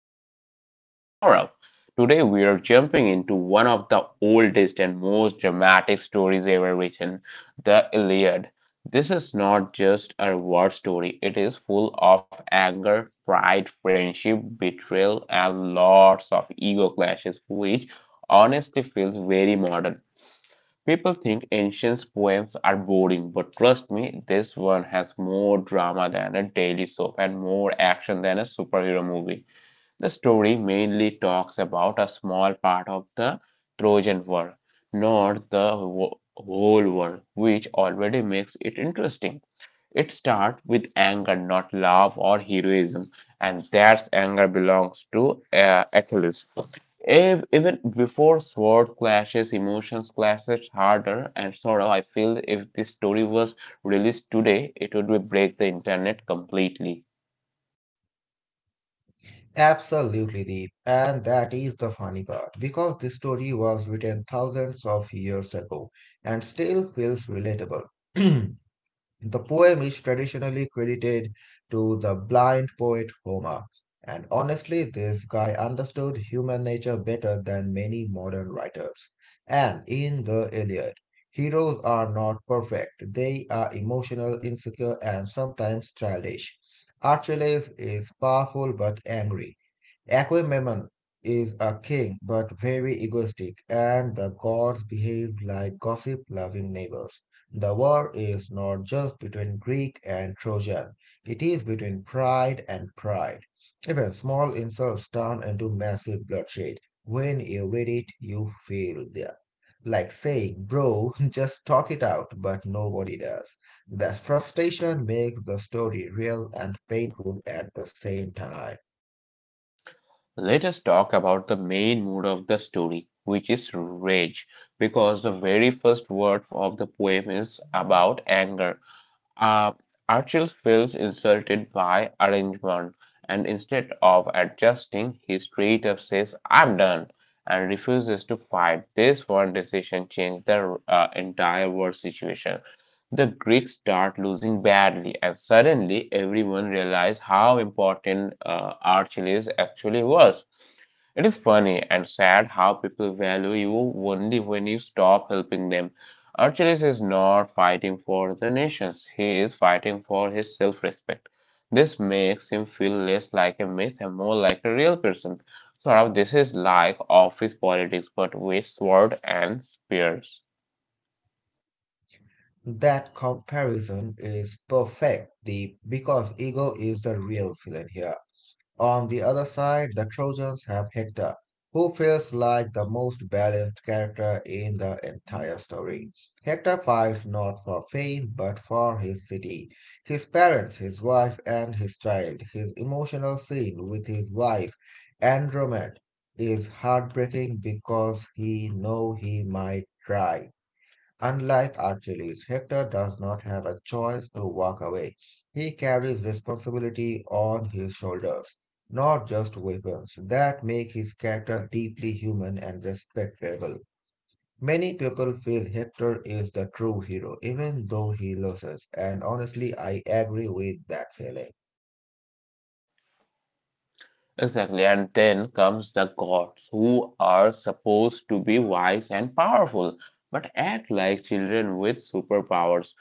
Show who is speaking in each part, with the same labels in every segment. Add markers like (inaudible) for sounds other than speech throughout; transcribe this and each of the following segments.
Speaker 1: with my co-host Saurav. Today we are jumping into one of the oldest and most dramatic stories ever written, the Iliad. This is not just a war story, it is full of anger, pride, friendship, betrayal, and lots of ego clashes, which honestly feels very modern. People think ancient poems are boring, but trust me, this one has more drama than a daily soap and more action than a superhero movie. The story mainly talks about a small part of the Trojan world, not the whole world, which already makes it interesting. It starts with anger, not love or heroism, and that anger belongs to Achilles. If, even before sword clashes, emotions clashes harder and sorrow, I feel if this story was released today, it would break the internet completely.
Speaker 2: Absolutely, Deep. And that is the funny part because this story was written thousands of years ago and still feels relatable. (clears throat) The poem is traditionally credited to the blind poet Homer. And honestly, this guy understood human nature better than many modern writers. And in the Iliad, heroes are not perfect, they are emotional, insecure, and sometimes childish. Achilles is powerful but angry. Agamemnon is a king but very egoistic, and the gods behave like gossip-loving neighbors. The war is not just between Greek and Trojan, it is between pride and pride. Even small insults turn into massive bloodshed. When you read it, you feel that. Like saying, bro, (laughs) just talk it out, but nobody does. That frustration makes the story real and painful at the same time.
Speaker 1: Let us talk about the main mood of the story, which is rage, because the very first word of the poem is about anger. Uh, Archil feels insulted by arrangement, and instead of adjusting, he straight up says, I'm done, and refuses to fight. This one decision changed the entire world situation. The Greeks start losing badly, and suddenly everyone realized how important Archelaus actually was. It is funny and sad how people value you only when you stop helping them. Achilles is not fighting for the nations, he is fighting for his self respect. This makes him feel less like a myth and more like a real person. Sort of, this is like office politics but with sword and spears.
Speaker 2: That comparison is perfect, Deep, because ego is the real villain here. On the other side, the Trojans have Hector, who feels like the most balanced character in the entire story. Hector fights not for fame, but for his city, his parents, his wife, and his child. His emotional scene with his wife, Andromed, is heartbreaking because he know he might die. Unlike Achilles, Hector does not have a choice to walk away. He carries responsibility on his shoulders, not just weapons. That make his character deeply human and respectable. Many people feel Hector is the true hero, even though he loses, and honestly, I agree with that feeling.
Speaker 1: Exactly, and then comes the gods, who are supposed to be wise and powerful, but act like children with superpowers.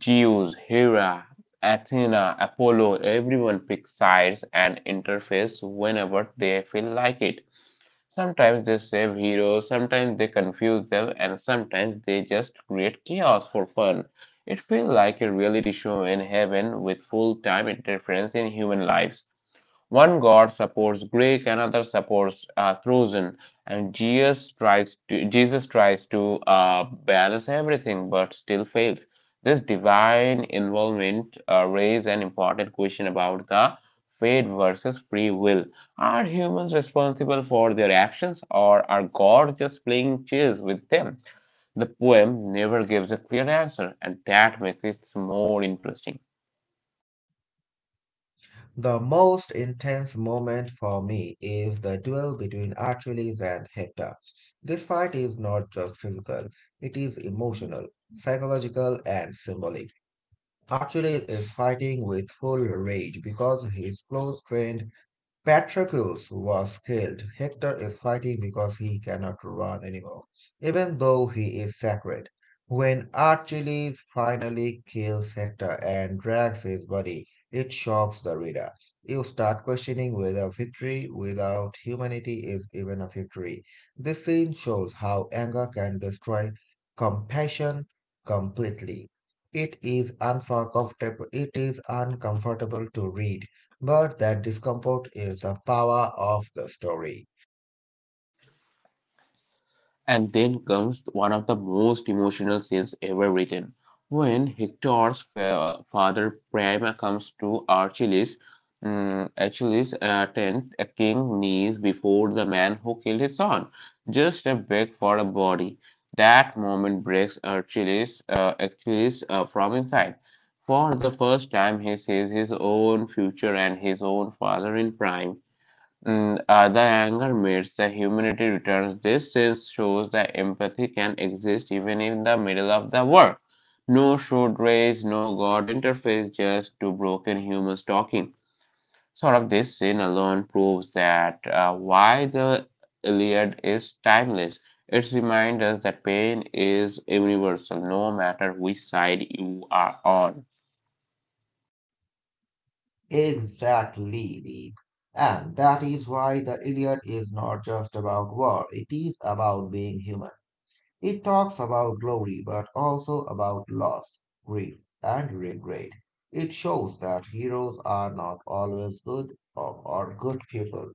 Speaker 1: Zeus, Hera, Athena, Apollo, everyone picks sides and interfaces whenever they feel like it. Sometimes they save heroes, sometimes they confuse them, and sometimes they just create chaos for fun. It feels like a reality show in heaven with full time interference in human lives. One god supports Greek, another supports Trojan, and Jesus tries to balance everything, but still fails. This divine involvement raises an important question about the fate versus free will. Are humans responsible for their actions, or are gods just playing chess with them? The poem never gives a clear answer, and that makes it more interesting.
Speaker 2: The most intense moment for me is the duel between Achilles and Hector. This fight is not just physical, it is emotional, psychological, and symbolic. Achilles is fighting with full rage because his close friend Patroclus was killed. Hector is fighting because he cannot run anymore, even though he is sacred. When Achilles finally kills Hector and drags his body, it shocks the reader. You start questioning whether victory without humanity is even a victory. This scene shows how anger can destroy compassion completely. It is uncomfortable to read, but that discomfort is the power of the story.
Speaker 1: And then comes one of the most emotional scenes ever written when father Priam comes to Achilles' tent. A king kneels before the man who killed his son, just a beg for a body. That moment breaks Achilles from inside. For the first time, he sees his own future and his own father in Prime. The anger myths, the humanity returns. This sense shows that empathy can exist even in the middle of the war. No should race, no God interface, just two broken humans talking. Sort of this scene alone proves that why the Iliad is timeless. It reminds us that pain is universal, no matter which side you are on.
Speaker 2: Exactly, Deep. And that is why The Iliad is not just about war, it is about being human. It talks about glory, but also about loss, grief, and regret. It shows that heroes are not always good or good people,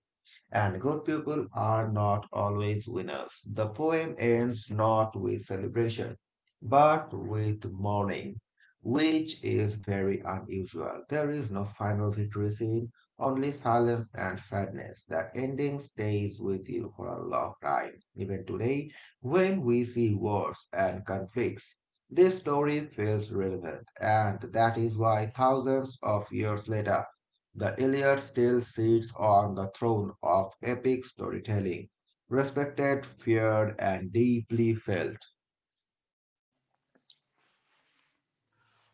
Speaker 2: and good people are not always winners. The poem ends not with celebration, but with mourning, which is very unusual. There is no final victory scene, only silence and sadness. The ending stays with you for a long time. Even today, when we see wars and conflicts, this story feels relevant, and that is why thousands of years later, the Iliad still sits on the throne of epic storytelling, respected, feared, and deeply felt.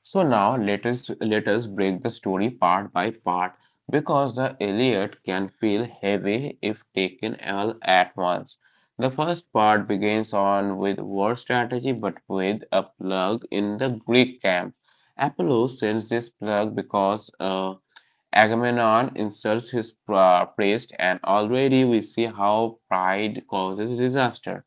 Speaker 1: So now let us break the story part by part because the Iliad can feel heavy if taken all at once. The first part begins on with war strategy but with a plug in the Greek camp. Apollo sends this plug because Agamemnon insults his priest and already we see how pride causes disaster.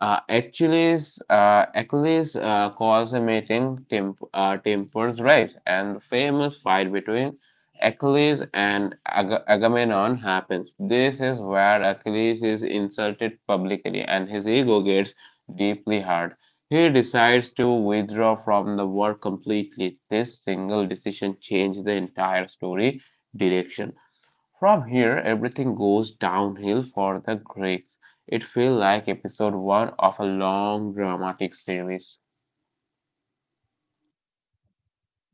Speaker 1: Achilles calls a meeting tempers rise, and the famous fight between Achilles and Agamemnon happens. This is where Achilles is insulted publicly, and his ego gets deeply hurt. He decides to withdraw from the war completely. This single decision changed the entire story direction. From here, everything goes downhill for the Greeks. It feels like episode one of a long dramatic series.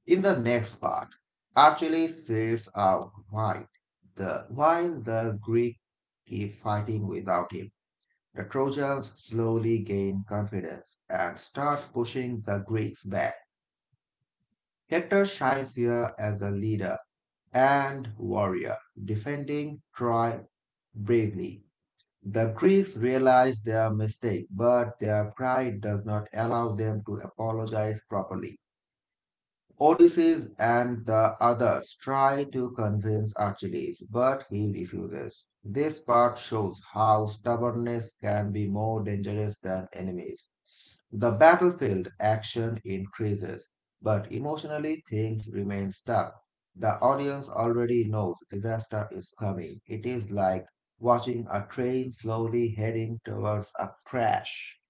Speaker 2: In the next part, Achilles sits out wide, while the Greeks keep fighting without him. The Trojans slowly gain confidence and start pushing the Greeks back. Hector shines here as a leader and warrior, defending Troy bravely. The Greeks realize their mistake, but their pride does not allow them to apologize properly. Odysseus and the others try to convince Achilles, but he refuses. This part shows how stubbornness can be more dangerous than enemies. The battlefield action increases, but emotionally things remain stuck. The audience already knows disaster is coming. It is like watching a train slowly heading towards a crash.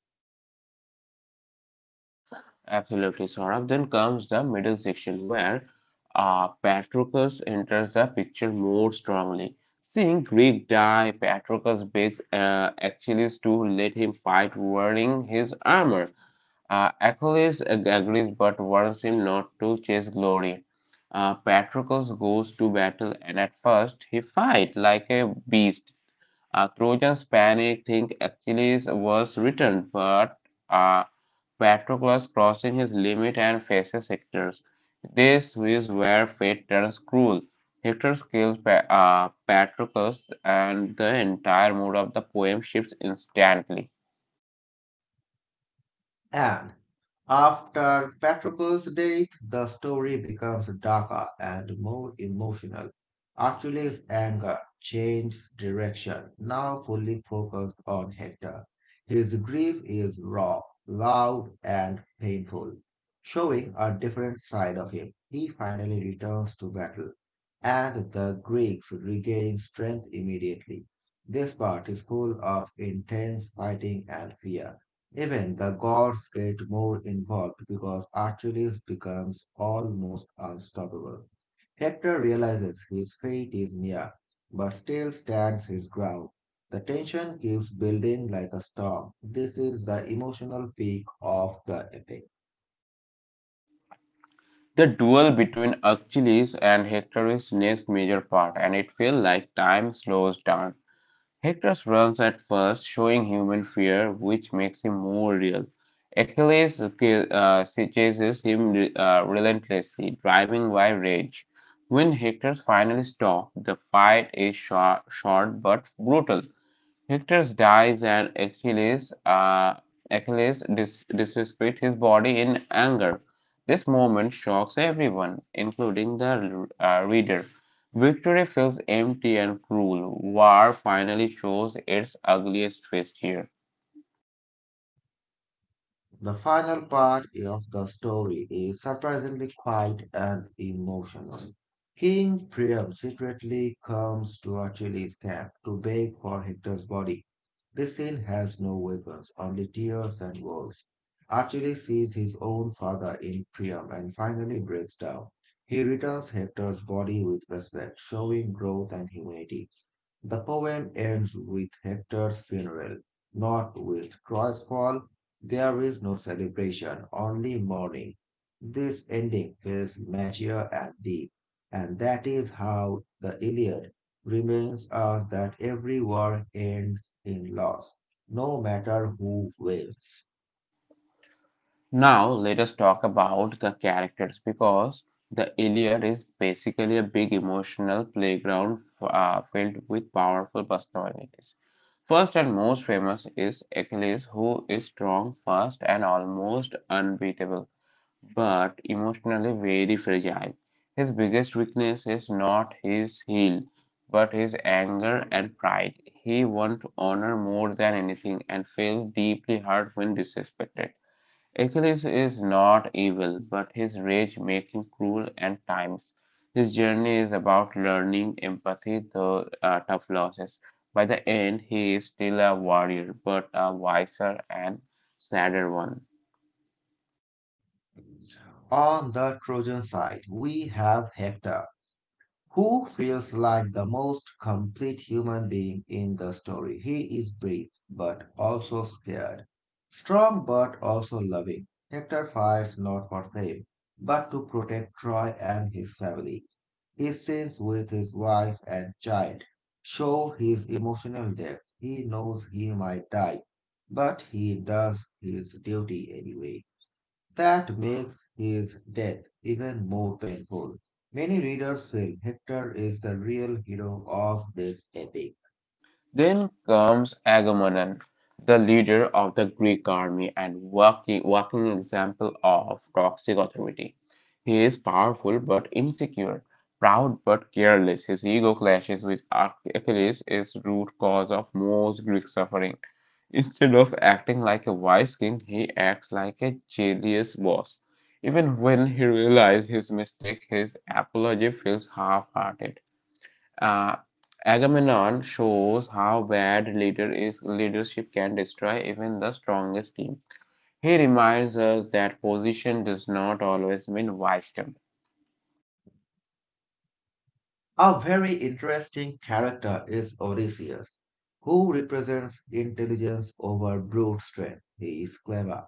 Speaker 1: Absolutely, Saurabh. Then comes the middle section where Patroclus enters the picture more strongly. Seeing Greek die, Patroclus begs Achilles to let him fight wearing his armor. Achilles agrees but warns him not to chase glory. Patroclus goes to battle and at first he fight like a beast. Trojans panic, think Achilles was returned, but uh, Patroclus crossing his limit and faces Hector's. This is where fate turns cruel. Hector's kills Patroclus and the entire mood of the poem shifts instantly.
Speaker 2: And after Patroclus' death, the story becomes darker and more emotional. Achilles' anger changed direction, now fully focused on Hector. His grief is raw, loud, and painful, showing a different side of him. He finally returns to battle, and the Greeks regain strength immediately. This part is full of intense fighting and fear. Even the gods get more involved because Achilles becomes almost unstoppable. Hector realizes his fate is near, but still stands his ground. The tension keeps building like a storm. This is the emotional peak of the epic.
Speaker 1: The duel between Achilles and Hector is next major part, and it feels like time slows down. Hector runs at first, showing human fear, which makes him more real. Achilles chases him relentlessly, driving by rage. When Hector finally stops, the fight is short but brutal. Hector dies and Achilles disrespects his body in anger. This moment shocks everyone, including the reader. Victory feels empty and cruel. War finally shows its ugliest face here.
Speaker 2: The final part of the story is surprisingly quiet and emotional. King Priam secretly comes to Achilles' camp to beg for Hector's body. This scene has no weapons, only tears and words. Achilles sees his own father in Priam and finally breaks down. He returns Hector's body with respect, showing growth and humanity. The poem ends with Hector's funeral, not with Troy's fall. There is no celebration, only mourning. This ending feels mature and deep, and that is how the Iliad reminds us that every war ends in loss, no matter who wins.
Speaker 1: Now, let us talk about the characters because the Iliad is basically a big emotional playground filled with powerful personalities. First and most famous is Achilles, who is strong, fast, and almost unbeatable, but emotionally very fragile. His biggest weakness is not his heel, but his anger and pride. He wants honor more than anything and feels deeply hurt when disrespected. Achilles is not evil, but his rage makes him cruel at times. His journey is about learning empathy through tough losses. By the end, he is still a warrior, but a wiser and sadder one.
Speaker 2: On the Trojan side, we have Hector, who feels like the most complete human being in the story. He is brave but also scared, strong but also loving. Hector fights not for fame, but to protect Troy and his family. His scenes with his wife and child show his emotional depth. He knows he might die, but he does his duty anyway. That makes his death even more painful. Many readers feel Hector is the real hero of this epic.
Speaker 1: Then comes Agamemnon, the leader of the Greek army and walking example of toxic authority. He is powerful but insecure, proud but careless. His ego clashes with Achilles, is root cause of most Greek suffering. Instead of acting like a wise king, he acts like a jealous boss. Even when he realizes his mistake, his apology feels half hearted. Uh, Agamemnon shows how bad leader is leadership can destroy even the strongest team. He reminds us that position does not always mean wisdom.
Speaker 2: A very interesting character is Odysseus, who represents intelligence over brute strength. He is clever,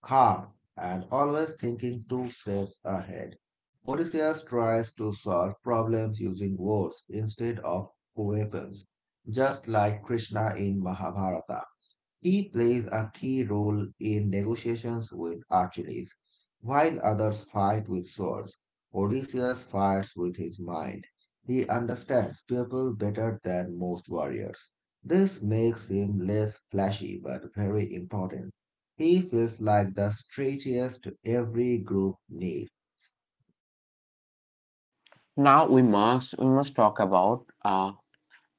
Speaker 2: calm, and always thinking two steps ahead. Odysseus tries to solve problems using words instead of weapons, just like Krishna in Mahabharata. He plays a key role in negotiations with Achilles. While others fight with swords, Odysseus fights with his mind. He understands people better than most warriors. This makes him less flashy but very important. He feels like the straightest every group needs.
Speaker 1: Now we must talk about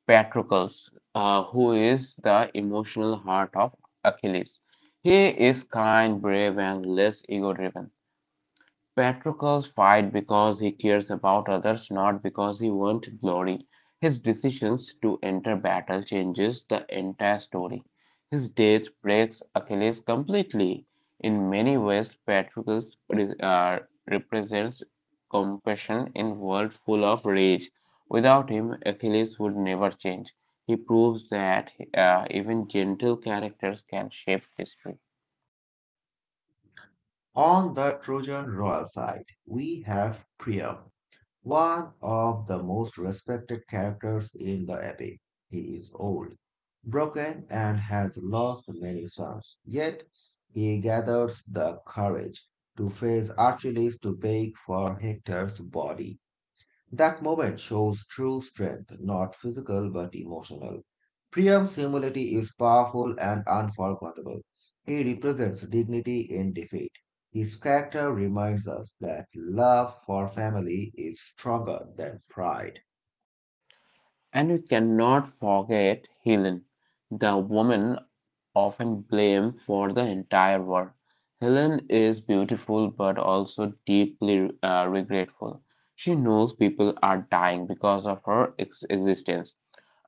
Speaker 1: Patroclus, who is the emotional heart of Achilles. He is kind, brave, and less ego-driven. Patroclus fight because he cares about others, not because he wants glory. His decisions to enter battle changes the entire story. His death breaks Achilles completely. In many ways, Patroclus uh, represents compassion in a world full of rage. Without him, Achilles would never change. He proves that even gentle characters can shape history.
Speaker 2: On the Trojan royal side, we have Priam. One of the most respected characters in the epic, he is old, broken, and has lost many sons. Yet he gathers the courage to face Achilles to beg for Hector's body. That moment shows true strength, not physical but emotional. Priyam Simulati is powerful and unforgettable. He represents dignity in defeat. His character reminds us that love for family is stronger than pride.
Speaker 1: And we cannot forget Helen, the woman often blamed for the entire war. Helen is beautiful but also deeply regretful. She knows people are dying because of her existence,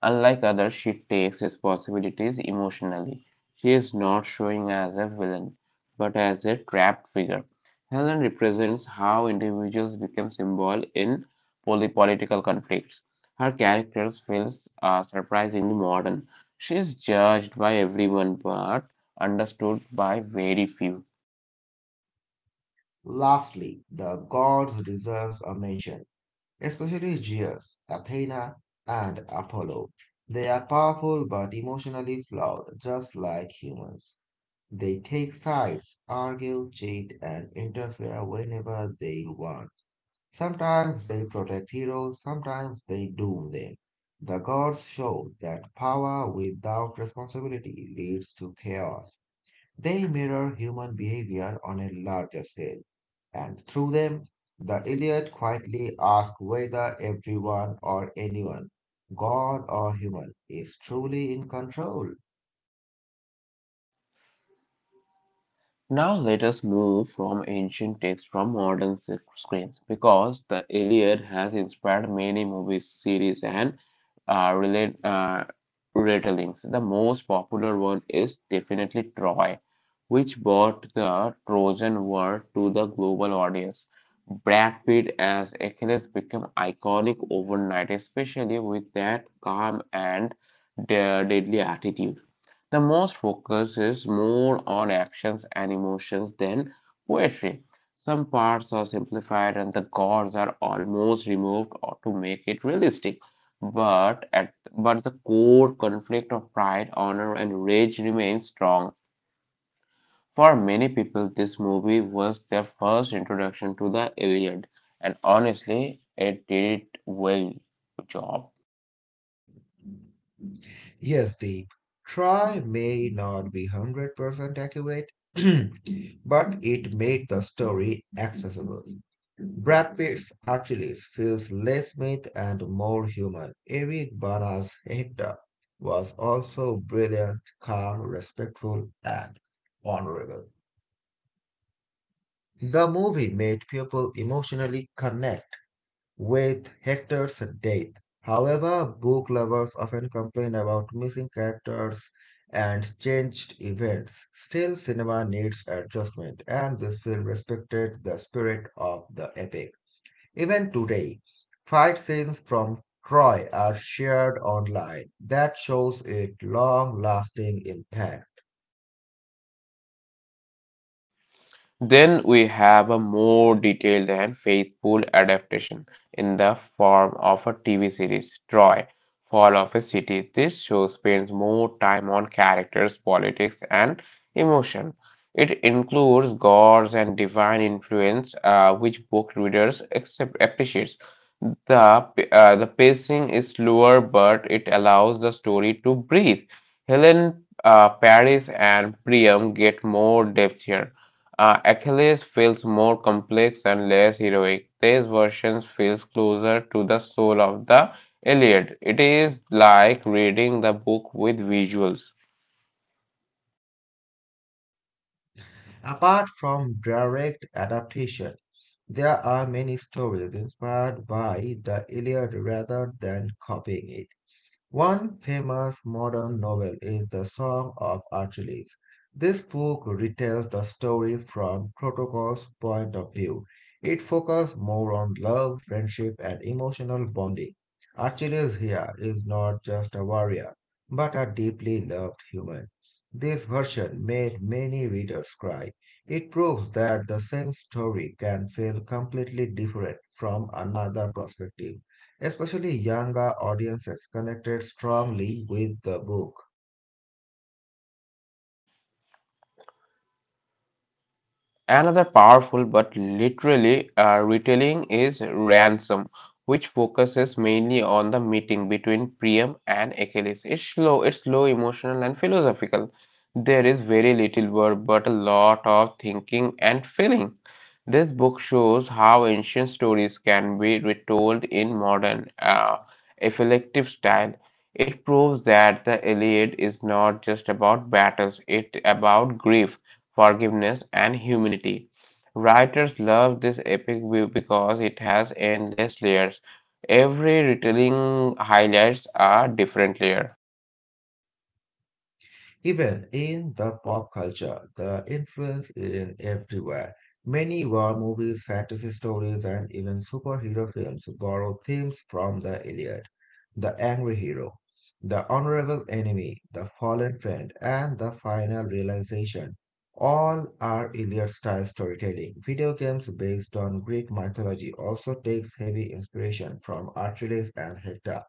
Speaker 1: unlike others, she takes responsibilities emotionally. She is not showing as a villain, but as a trapped figure. Helen represents how individuals become symbol in political conflicts. Her character feels surprisingly modern. She is judged by everyone but understood by very few.
Speaker 2: Lastly, the gods deserve a mention, especially Zeus, Athena, and Apollo. They are powerful but emotionally flawed, just like humans. They take sides, argue, cheat, and interfere whenever they want. Sometimes they protect heroes, sometimes they doom them. The gods show that power without responsibility leads to chaos. They mirror human behavior on a larger scale, and through them, the Iliad quietly asks whether everyone or anyone, god or human, is truly in control.
Speaker 1: Now let us move from ancient texts from modern screens because the Iliad has inspired many movies, series, and uh, relate, uh, retellings. The most popular one is definitely Troy, which brought the Trojan War to the global audience. Brad Pitt as Achilles became iconic overnight, especially with that calm and deadly attitude. The most focus is more on actions and emotions than poetry. Some parts are simplified and the gods are almost removed or to make it realistic. But the core conflict of pride, honor, and rage remains strong. For many people, this movie was their first introduction to the Iliad, and honestly, it did well job.
Speaker 2: Yes, Deep. Try may not be 100% accurate, (clears throat) but it made the story accessible. Brad Pitt's Achilles feels less myth and more human. Eric Bana's Hector was also brilliant, calm, respectful, and honorable. The movie made people emotionally connect with Hector's death. However, book lovers often complain about missing characters and changed events. Still, cinema needs adjustment, and this film respected the spirit of the epic. Even today, fight scenes from Troy are shared online. That shows its long lasting impact.
Speaker 1: Then we have a more detailed and faithful adaptation in the form of a TV series, Troy, Fall of a City. This show spends more time on characters, politics, and emotion. It includes gods and divine influence, which book readers accept, appreciates. The pacing is slower, but it allows the story to breathe. Paris, and Priam get more depth here. Achilles feels more complex and less heroic. This version feels closer to the soul of the Iliad. It is like reading the book with visuals.
Speaker 2: Apart from direct adaptation, there are many stories inspired by the Iliad rather than copying it. One famous modern novel is The Song of Achilles. This book retells the story from Patroclus' point of view. It focuses more on love, friendship, and emotional bonding. Achilles here is not just a warrior, but a deeply loved human. This version made many readers cry. It proves that the same story can feel completely different from another perspective. Especially younger audiences connected strongly with the book.
Speaker 1: Another powerful but literally retelling is Ransom, which focuses mainly on the meeting between Priam and Achilles. It's slow, emotional, and philosophical. There is very little word, but a lot of thinking and feeling. This book shows how ancient stories can be retold in effective style. It proves that the Iliad is not just about battles, it's about grief, forgiveness, and humanity. Writers love this epic view because it has endless layers. Every retelling highlights a different layer.
Speaker 2: Even in the pop culture, the influence is everywhere. Many war movies, fantasy stories, and even superhero films borrow themes from the Iliad, the angry hero, the honorable enemy, the fallen friend, and the final realization. All are Iliad style storytelling. Video games based on Greek mythology also takes heavy inspiration from Archimedes and Hector.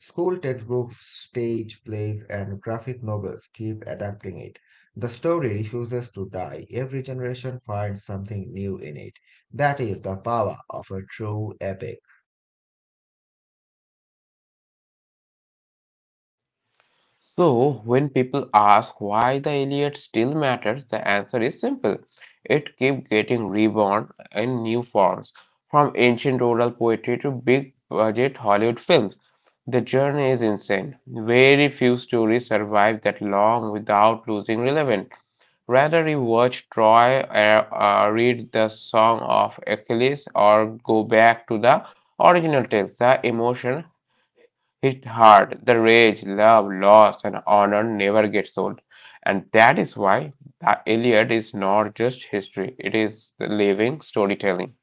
Speaker 2: School textbooks, stage plays, and graphic novels keep adapting it. The story refuses to die. Every generation finds something new in it. That is the power of a true epic.
Speaker 1: So, when people ask why the Iliad still matters, the answer is simple. It keeps getting reborn in new forms, from ancient oral poetry to big budget Hollywood films. The journey is insane. Very few stories survive that long without losing relevance. Rather, rewatch Troy, read the Song of Achilles, or go back to the original text. The emotion hit hard. The rage, love, loss, and honor never gets old. And that is why the Iliad is not just history, it is the living storytelling.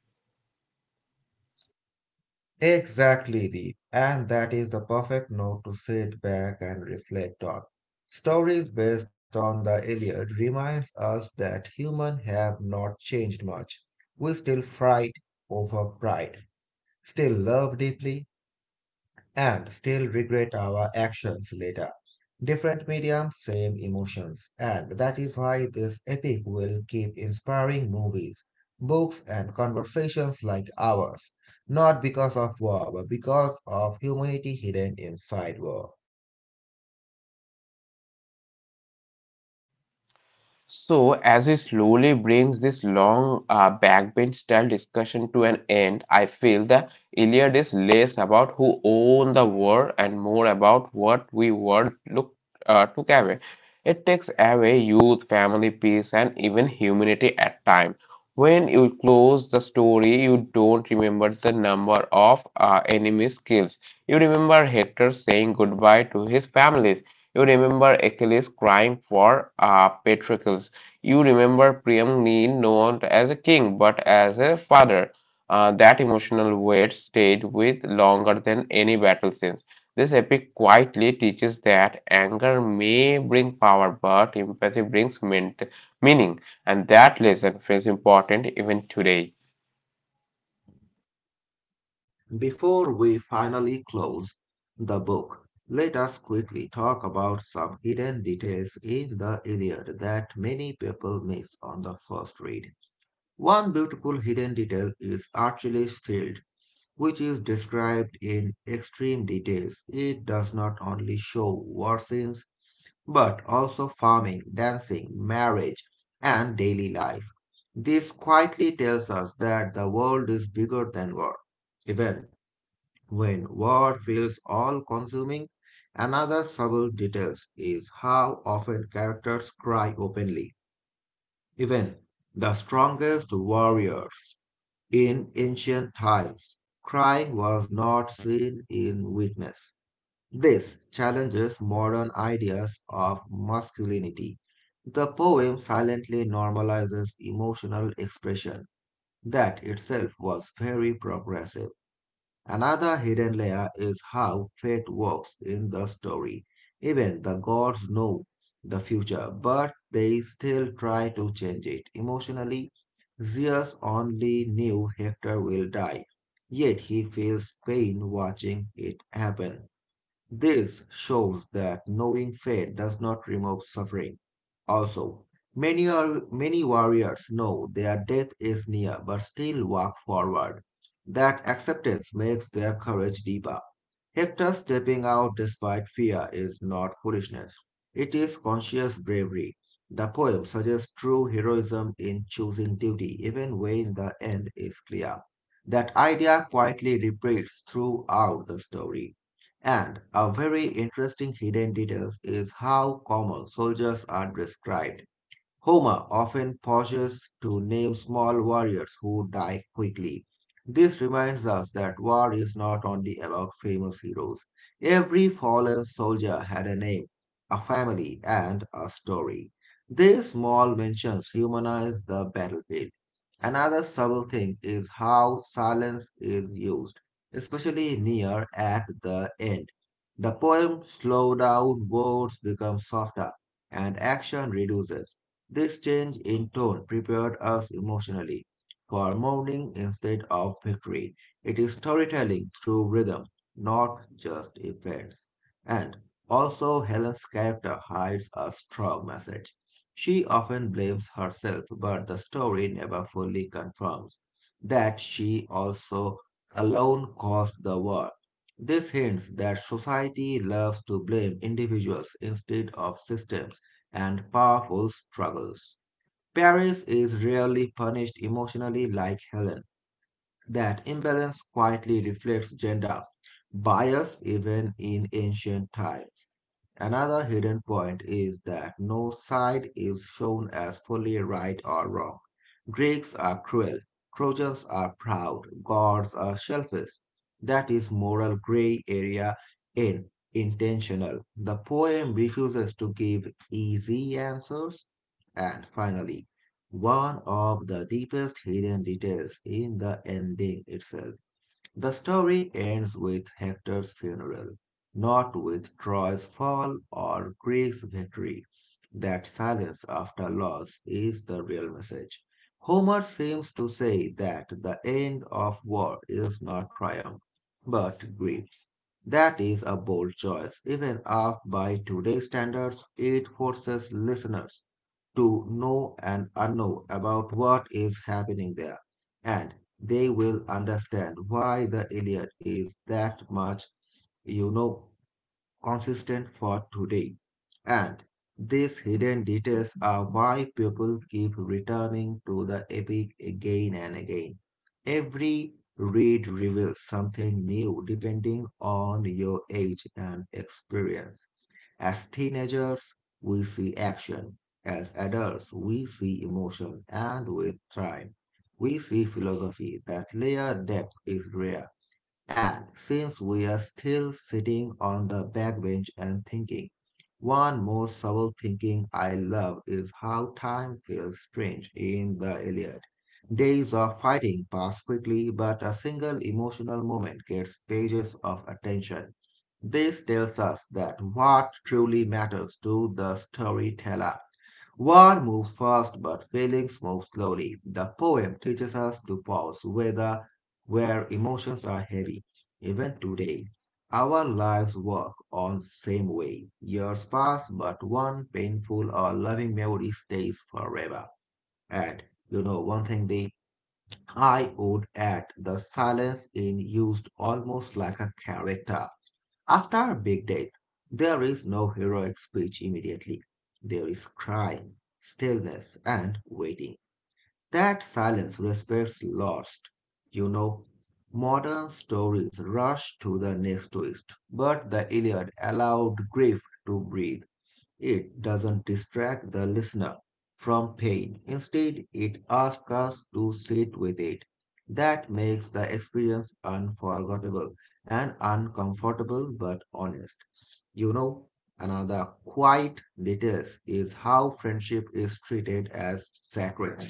Speaker 2: Exactly, Deep. And that is the perfect note to sit back and reflect on. Stories based on the Iliad reminds us that humans have not changed much. We still fight over pride, still love deeply, and still regret our actions later. Different mediums, same emotions. And that is why this epic will keep inspiring movies, books, and conversations like ours. Not because of war, but because of humanity hidden inside war.
Speaker 1: So, as he slowly brings this long backbench style discussion to an end, I feel the Iliad is less about who owned the war and more about what we took away. It takes away youth, family, peace, and even humanity at time. When you close the story, you don't remember the number of enemy kills. You remember Hector saying goodbye to his families. You remember Achilles crying for Patroclus. You remember Priam being known as a king, but as a father. That emotional weight stayed with longer than any battle scenes. This epic quietly teaches that anger may bring power, but empathy brings meaning, and that lesson feels important even today.
Speaker 2: Before we finally close the book, let us quickly talk about some hidden details in the Iliad that many people miss on the first read. One beautiful hidden detail is Archelaus' shield, which is described in extreme details. It does not only show war scenes, but also farming, dancing, marriage, and daily life. This quietly tells us that the world is bigger than war. Even when war feels all consuming, another subtle detail is how often characters cry openly. Even the strongest warriors in ancient times, crying was not seen in weakness. This challenges modern ideas of masculinity. The poem silently normalizes emotional expression, that itself was very progressive. Another hidden layer is how fate works in the story. Even the gods know the future, but they still try to change it. Emotionally, Zeus only knew Hector will die, yet he feels pain watching it happen. This shows that knowing fate does not remove suffering. Also, many warriors know their death is near but still walk forward. That acceptance makes their courage deeper. Hector stepping out despite fear is not foolishness, it is conscious bravery. The poem suggests true heroism in choosing duty, even when the end is clear. That idea quietly repeats throughout the story. And a very interesting hidden detail is how common soldiers are described. Homer often pauses to name small warriors who die quickly. This reminds us that war is not only about famous heroes. Every fallen soldier had a name, a family, and a story. These small mentions humanize the battlefield. Another subtle thing is how silence is used, especially near at the end. The poem slows down, words become softer, and action reduces. This change in tone prepared us emotionally for mourning instead of victory. It is storytelling through rhythm, not just events. And also, Helen's character hides a strong message. She often blames herself, but the story never fully confirms that she also alone caused the war. This hints that society loves to blame individuals instead of systems and powerful struggles. Paris is rarely punished emotionally like Helen. That imbalance quietly reflects gender bias even in ancient times. Another hidden point is that no side is shown as fully right or wrong. Greeks are cruel, Trojans are proud, gods are selfish. That is moral gray area in intentional. The poem refuses to give easy answers. And finally, one of the deepest hidden details in the ending itself. The story ends with Hector's funeral, not with Troy's fall or Greece's victory. That silence after loss is the real message. Homer seems to say that the end of war is not triumph, but grief. That is a bold choice. Even up by today's standards, it forces listeners to know and unknow about what is happening there, and they will understand why the Iliad is that much, you know, consistent for today. And these hidden details are why people keep returning to the epic again and again. Every read reveals something new depending on your age and experience. As teenagers, we see action. As adults, we see emotion and we thrive. We see philosophy. That layer depth is rare. And since we are still sitting on the backbench and thinking, one more subtle thinking I love is how time feels strange in the Iliad. Days of fighting pass quickly, but a single emotional moment gets pages of attention. This tells us that what truly matters to the storyteller. War moves fast, but feelings move slowly. The poem teaches us to pause whether where emotions are heavy. Even today, our lives work on same way. Years pass, but one painful or loving memory stays forever. And you know one thing, the I would add the silence in used almost like a character. After a big death, there is no heroic speech immediately. There is crying, stillness, and waiting. That silence respects lost. You know, modern stories rush to the next twist, but the Iliad allowed grief to breathe. It doesn't distract the listener from pain. Instead, it asks us to sit with it. That makes the experience unforgettable and uncomfortable but honest. You know, another quiet detail is how friendship is treated as sacred.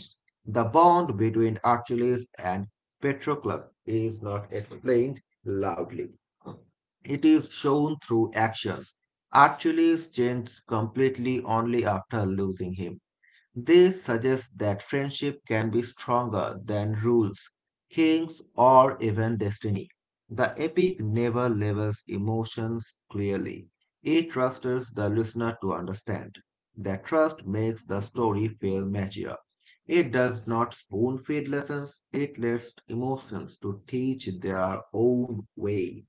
Speaker 2: The bond between Achilles and Patroclus is not explained loudly. It is shown through actions. Achilles changes completely only after losing him. This suggests that friendship can be stronger than rules, kings, or even destiny. The epic never labels emotions clearly. It trusts the listener to understand. That trust makes the story feel mature. It does not spoon feed lessons, it lets emotions to teach their own way.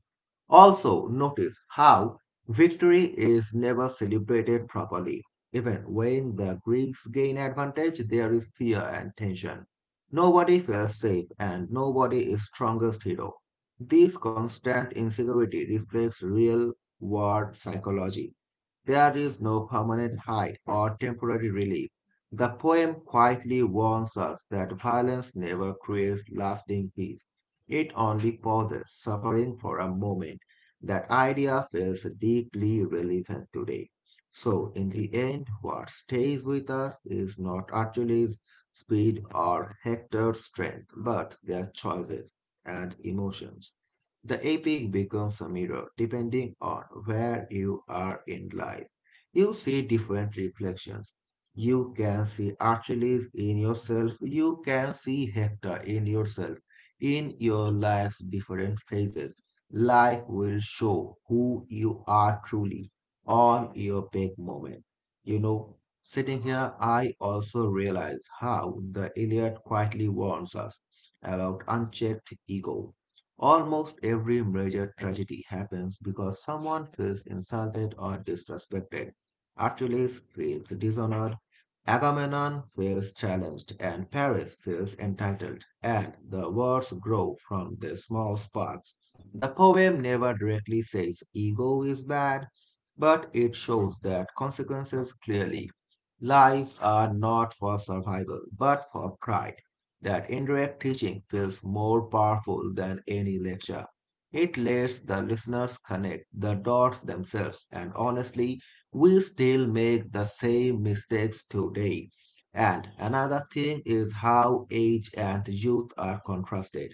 Speaker 2: Also, notice how victory is never celebrated properly. Even when the Greeks gain advantage, there is fear and tension. Nobody feels safe and nobody is strongest hero. This constant insecurity reflects real world psychology. There is no permanent high or temporary relief. The poem quietly warns us that violence never creates lasting peace. It only pauses suffering for a moment. That idea feels deeply relevant today. So, in the end, what stays with us is not Achilles' speed or Hector's strength, but their choices and emotions. The epic becomes a mirror depending on where you are in life. You see different reflections. You can see Achilles in yourself, you can see Hector in yourself. In your life's different phases, life will show who you are truly on your peak moment. You know, sitting here, I also realize how the Iliad quietly warns us about unchecked ego. Almost every major tragedy happens because someone feels insulted or disrespected. Achilles feels dishonored, Agamemnon feels challenged and Paris feels entitled, and the words grow from the small sparks. The poem never directly says ego is bad, but it shows that consequences clearly. Lives are not for survival, but for pride. That indirect teaching feels more powerful than any lecture. It lets the listeners connect the dots themselves, and honestly, we still make the same mistakes today. And another thing is how age and youth are contrasted.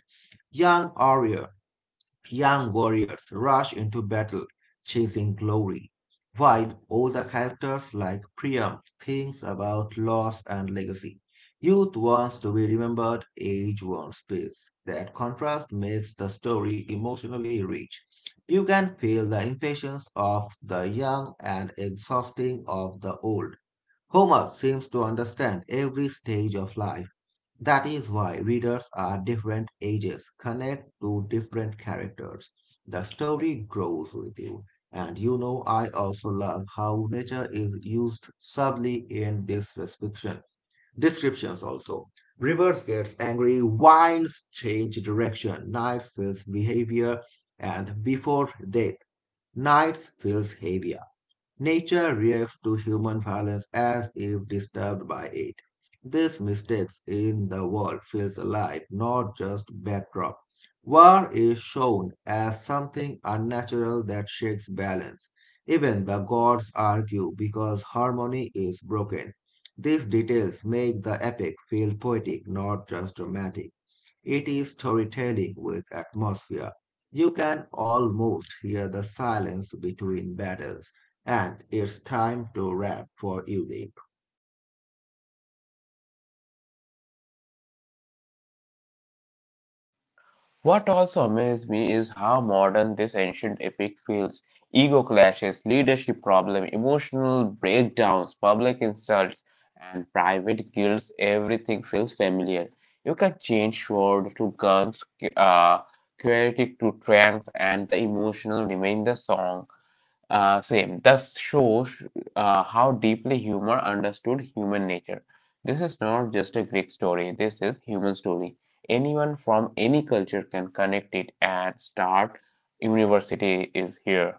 Speaker 2: Young warrior Young warriors rush into battle chasing glory, while older characters like Priam thinks about loss and legacy. Youth wants to be remembered, age wants peace. That contrast makes the story emotionally rich. You can feel the impatience of the young and exhausting of the old. Homer seems to understand every stage of life, that is why readers at different ages connect to different characters. The story grows with you. And you know, I also love how nature is used subtly in this description. Descriptions also. Rivers gets angry, winds change direction, nights feels behavior, and before death, nights feels heavier. Nature reacts to human violence as if disturbed by it. This mistakes in the world feels alive, not just backdrop. War is shown as something unnatural that shakes balance. Even the gods argue because harmony is broken. These details make the epic feel poetic, not just dramatic. It is storytelling with atmosphere. You can almost hear the silence between battles. And it's time to wrap for uni.
Speaker 1: What also amazed me is how modern this ancient epic feels. Ego clashes, leadership problem, emotional breakdowns, public insults, and private guilts. Everything feels familiar. You can change sword to guns, uh, chaotic to trance, and the emotional remain the song. Same. Thus shows how deeply humor understood human nature. This is not just a Greek story. This is human story. Anyone from any culture can connect it and start. University is here.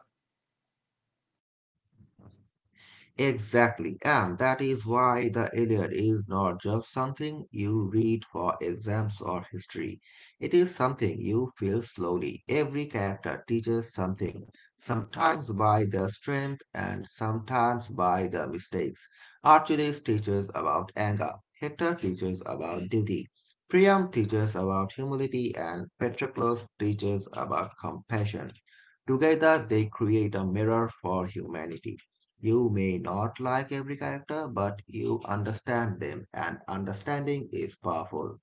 Speaker 2: Exactly, and that is why the Iliad is not just something you read for exams or history. It is something you feel slowly. Every character teaches something, sometimes by their strength and sometimes by their mistakes. Archimedes teaches about anger, Hector teaches about duty, Priam teaches about humility, and Patroclus teaches about compassion. Together, they create a mirror for humanity. You may not like every character, but you understand them, and understanding is powerful.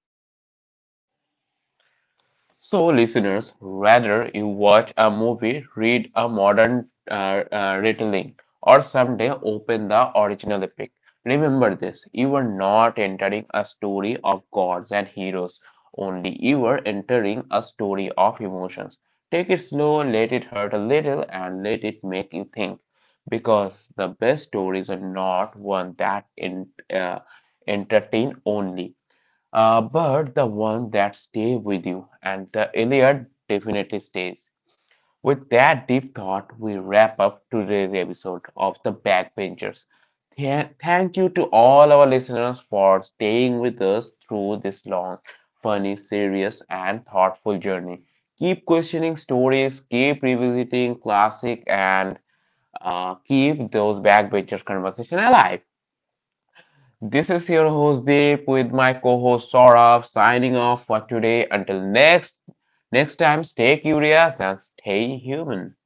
Speaker 1: So, listeners, rather you watch a movie, read a modern retelling, or someday open the original epic, remember this you are not entering a story of gods and heroes, only you are entering a story of emotions. Take it slow, let it hurt a little, and let it make you think. Because the best stories are not one that entertain only. But the one that stay with you and the Iliad definitely stays. With that deep thought, we wrap up today's episode of The Backbenchers. Thank you to all our listeners for staying with us through this long, funny, serious, and thoughtful journey. Keep questioning stories, keep revisiting classic, and keep those backbenchers conversation alive. This is your host Deep with my co-host Saurabh signing off for today. Until next time, stay curious and stay human.